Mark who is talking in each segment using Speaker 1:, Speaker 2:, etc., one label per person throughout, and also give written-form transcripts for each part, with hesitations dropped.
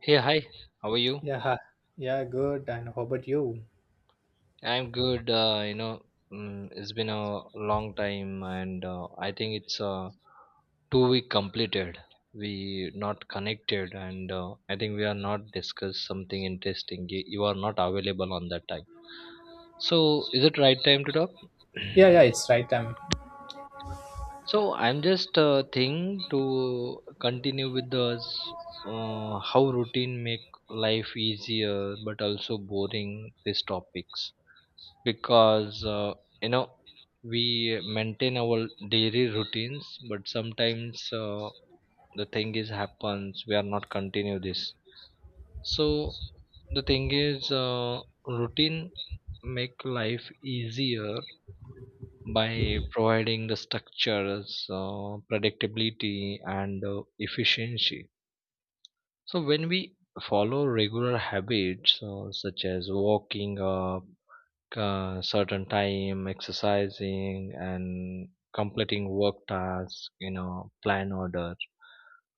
Speaker 1: Hey, hi, how are you?
Speaker 2: Yeah, ha. Yeah, good. And how about you?
Speaker 1: I'm good. It's been a long time, and I think it's 2 week completed. We not connected, and I think we are not discussed something interesting. You are not available on that time. So, is it right time to talk?
Speaker 2: Yeah, yeah, it's right.
Speaker 1: So, I'm just thing to continue with the how routine make life easier but also boring. These topics because you know we maintain our daily routines but sometimes the thing is happens we are not continue this, so the thing is routine make life easier by providing the structures, predictability and efficiency. So when we follow regular habits, such as walking up certain time, exercising and completing work tasks, you know, plan order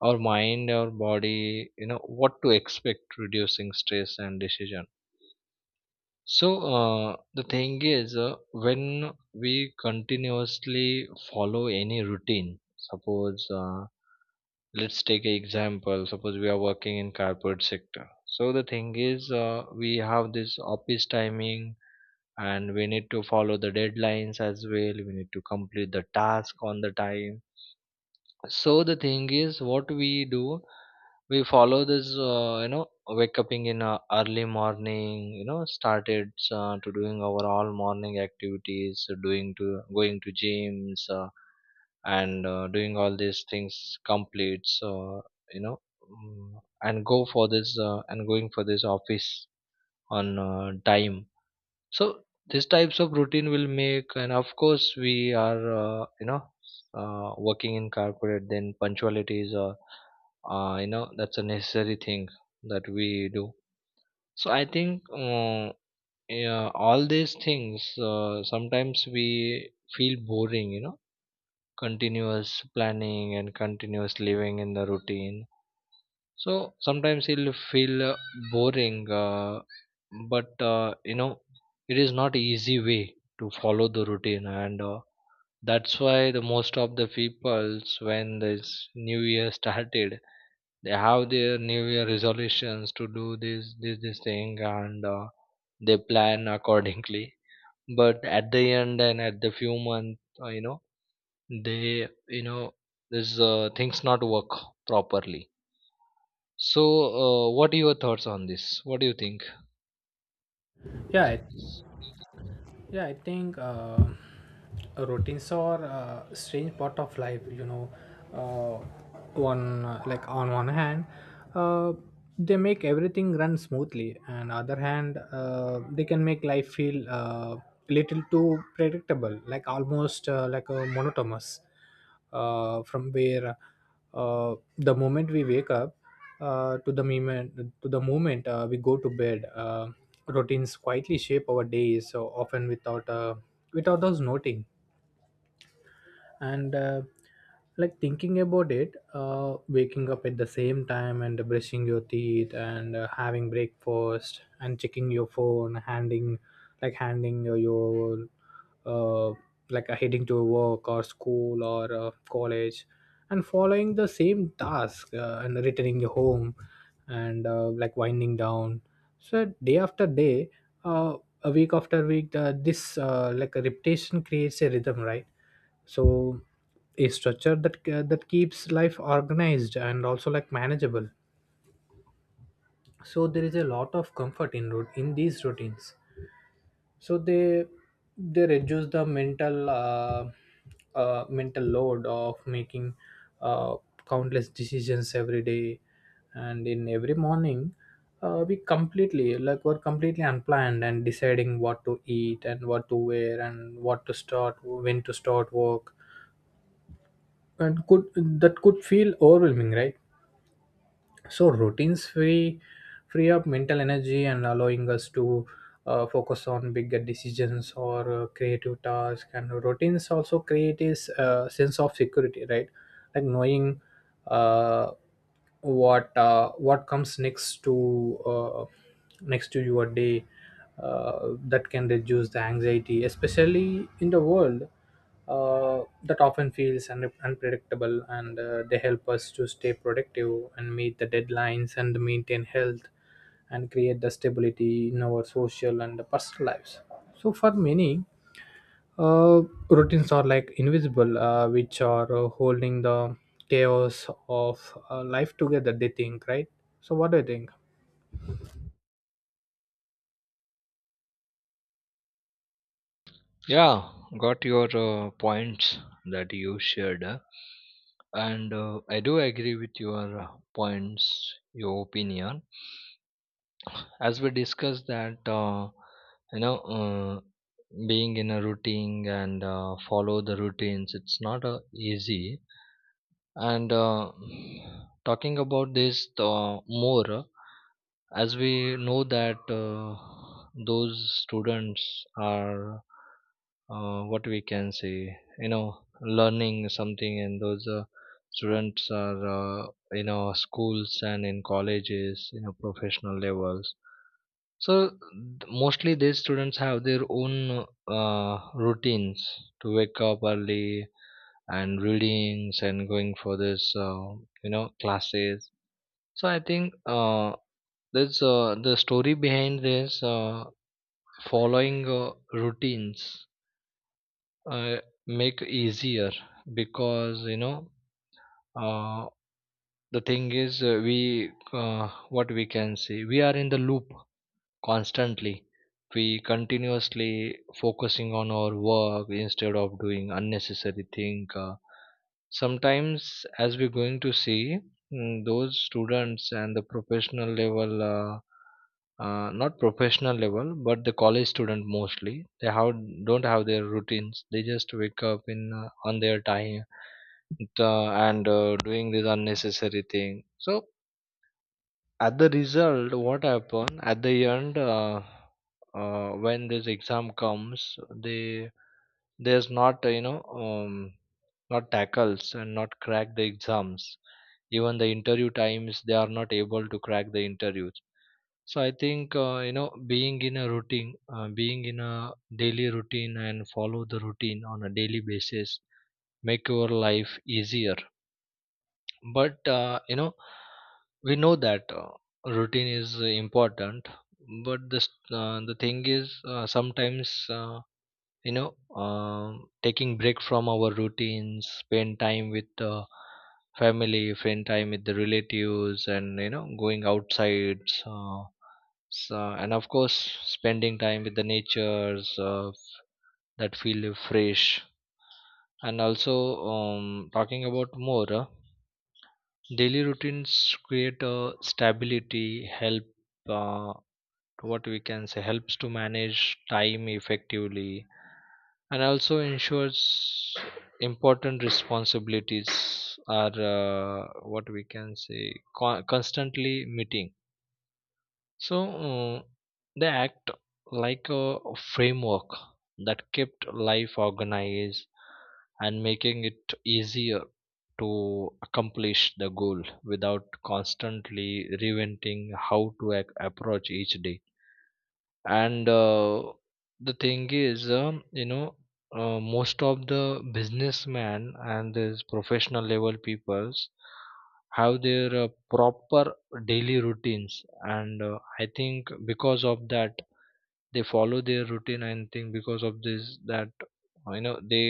Speaker 1: our mind, our body, you know what to expect, reducing stress and decision. So the thing is when we continuously follow any routine, suppose let's take an example, suppose we are working in corporate sector. So the thing is we have this office timing and we need to follow the deadlines as well, we need to complete the task on the time. So the thing is, what we do, we follow this, wake up in early morning, you know, started to doing our all morning activities, doing to going to gyms, and doing all these things complete. So, you know, and go for this and going for this office on time. So these types of routine will make, and of course, we are working in corporate. Then punctuality is a that's a necessary thing that we do. So I think yeah, all these things sometimes we feel boring. You know, continuous planning and continuous living in the routine, so sometimes it'll feel boring, but uh, you know, it is not easy way to follow the routine, and that's why the most of the peoples, when this new year started, they have their new year resolutions to do this, this, this thing, and they plan accordingly. But at the end and at the few months, they you know, this things not work properly. So, what are your thoughts on this? What do you think?
Speaker 2: yeah, I- yeah. I think routines are a strange part of life, you know. Uh, one Like on one hand, uh, they make everything run smoothly, and other hand they can make life feel little too predictable, like almost like a monotonous. From where the moment we wake up, uh, to the moment to the moment we go to bed, routines quietly shape our days, so often without without us noting and like thinking about it, waking up at the same time and brushing your teeth and having breakfast and checking your phone, handing, like handing your uh, heading to work or school or college and following the same task, and returning home and like winding down. So day after day, uh, a week after week, this like a repetition creates a rhythm, right? So a structure that keeps life organized and also like manageable. So there is a lot of comfort in in these routines. So they reduce the mental mental load of making uh, countless decisions every day. And in every morning, we completely, like were completely unplanned and deciding what to eat and what to wear and what to start, when to start work, and could, that could feel overwhelming, right? So routines free up mental energy and allowing us to focus on bigger decisions or creative tasks. And routines also create is sense of security, right? Like knowing uh, what comes next to next to your day, that can reduce the anxiety, especially in the world that often feels unpredictable. And they help us to stay productive and meet the deadlines and maintain health and create the stability in our social and personal lives. So, for many, uh, routines are like invisible, which are holding the chaos of life together, they think, right? So, what do you think?
Speaker 1: Yeah, got your points that you shared, and I do agree with your points, your opinion. As we discussed that, you know, uh, being in a routine and follow the routines, it's not easy. And talking about this more. As we know that those students are what we can say, you know, learning something, and those students are in our schools and in colleges, you know, professional levels. So mostly these students have their own routines to wake up early and readings and going for this you know classes. So I think that's the story behind this. Following routines uh, make easier because, you know, uh, the thing is we what we can say, we are in the loop constantly, we continuously focusing on our work instead of doing unnecessary thing. Sometimes as we're going to see, those students and the professional level, not professional level but the college student, mostly they have don't have their routines, they just wake up in on their time and doing this unnecessary thing. So at the result, what happened at the end, when this exam comes, they, there's not not tackles and not crack the exams, even the interview times they are not able to crack the interviews. So I think, being in a routine, being in a daily routine, and follow the routine on a daily basis make your life easier. But we know that routine is important. But this the thing is, sometimes taking break from our routines, spend time with family, spend time with the relatives, and you know, going outside. So, and of course, spending time with the natures that feel fresh. And also, talking about more. Daily routines create a stability, help uh, what we can say, helps to manage time effectively and also ensures important responsibilities are what we can say constantly meeting. So uh, they act like a framework that kept life organized and making it easier to accomplish the goal without constantly reinventing how to approach each day. And the thing is, most of the businessmen and these professional level peoples have their proper daily routines, and I think because of that they follow their routine, and think because of this that they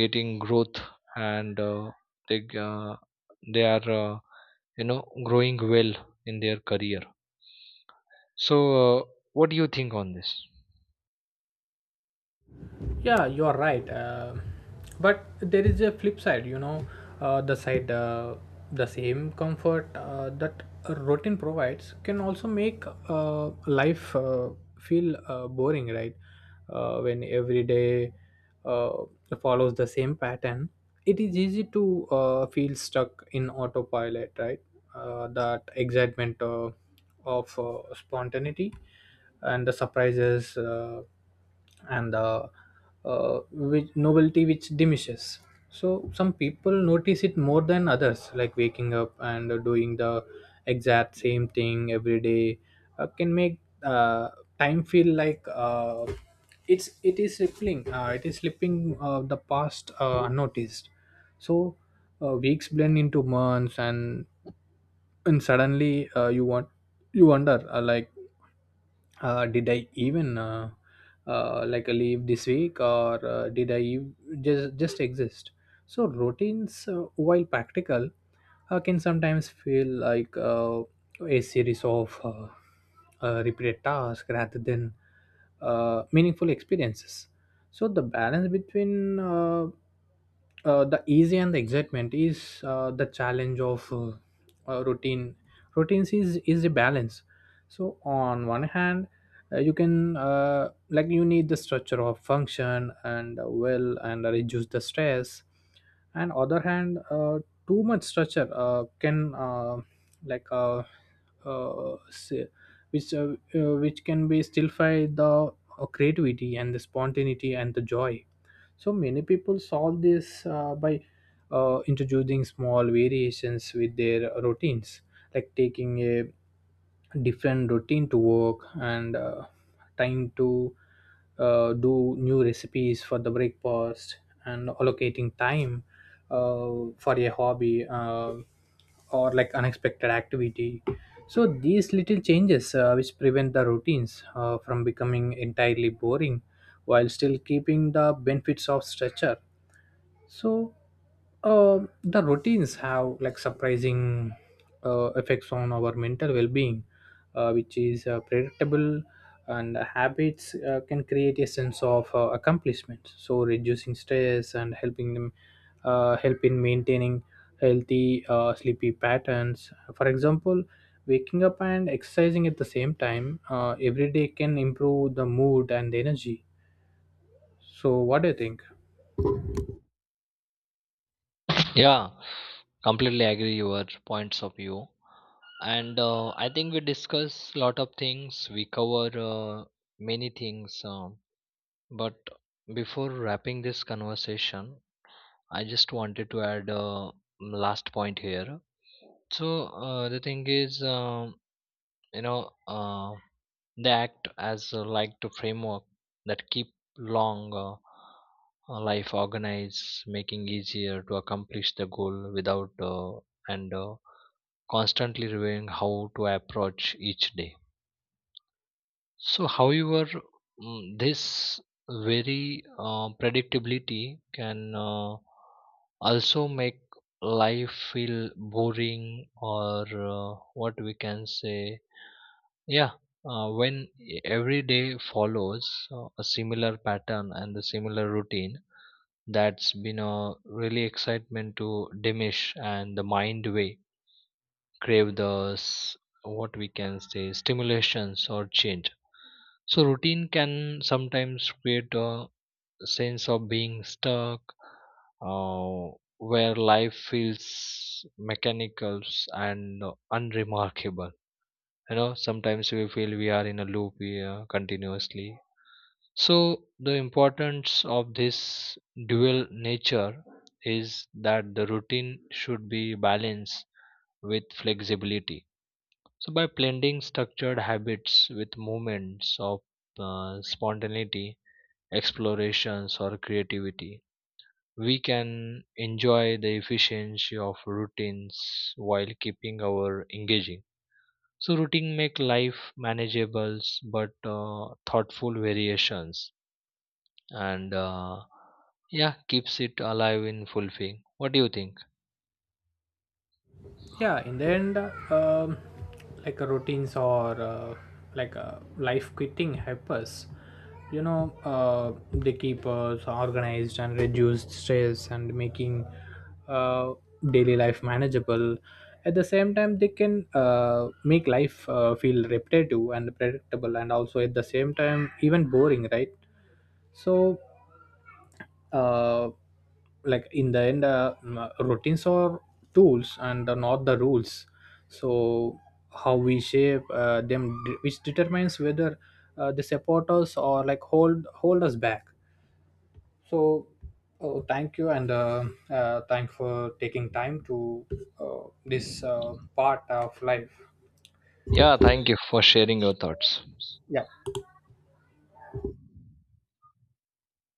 Speaker 1: getting growth, and they g- uh, they are growing well in their career. So what do you think on this?
Speaker 2: Yeah, you are right. But there is a flip side, you know, uh, the side, uh, the same comfort that a routine provides can also make life feel boring, right? When every day uh, follows the same pattern, it is easy to feel stuck in autopilot, right? That excitement of spontaneity and the surprises and the which novelty which diminishes. So some people notice it more than others, like waking up and doing the exact same thing every day can make time feel like it is slipping, it is slipping the past unnoticed. So weeks blend into months, and suddenly you wonder, did I even leave this week, or just exist? So routines, while practical, can sometimes feel like a series of repeated tasks rather than meaningful experiences. So the balance between the easy and the excitement is the challenge of routine. Routines is a balance. So on one hand, you can, like you need the structure of function and well and reduce the stress, and other hand, too much structure can like uh, say, which uh, which can be stillify the creativity and the spontaneity and the joy. So many people solve this by introducing small variations with their routines, like taking a different routine to work, and time to do new recipes for the breakfast and allocating time uh, for a hobby or like unexpected activity. So these little changes which prevent the routines from becoming entirely boring while still keeping the benefits of structure. So the routines have like surprising effects on our mental well-being, which is predictable. And habits can create a sense of accomplishment, so reducing stress and helping them help in maintaining healthy sleepy patterns. For example, waking up and exercising at the same time, every day can improve the mood and the energy. So what do you think?
Speaker 1: Yeah, completely agree your points of view. And I think we discuss a lot of things. We cover many things. But before wrapping this conversation, I just wanted to add last point here. So the thing is, you know, uh, they act as like the framework that keep long life organized, making easier to accomplish the goal without and constantly reviewing how to approach each day. So, however, this very predictability can also make life feel boring or what we can say, yeah, when every day follows a similar pattern and the similar routine, that's been a really excitement to diminish, and the mind way crave the what we can say, stimulations or change. So routine can sometimes create a sense of being stuck, uh, where life feels mechanical and unremarkable. You know, sometimes we feel we are in a loop, we, continuously. So the importance of this dual nature is that the routine should be balanced with flexibility. So by blending structured habits with moments of spontaneity, explorations or creativity, we can enjoy the efficiency of routines while keeping our engaging. So routine make life manageable, but thoughtful variations and yeah, keeps it alive in fulfilling. What do you think?
Speaker 2: Yeah, in the end, routines or life quitting help us, you know. They keep us organized and reduce stress and making uh, daily life manageable. At the same time, they can make life feel repetitive and predictable, and also at the same time even boring, right? So uh, like in the end m- routines are tools and not the rules. So how we shape them, which determines whether they support us or like hold us back. So oh, thank you, and thank for taking time to this part of life.
Speaker 1: Yeah, thank you for sharing your thoughts.
Speaker 2: Yeah.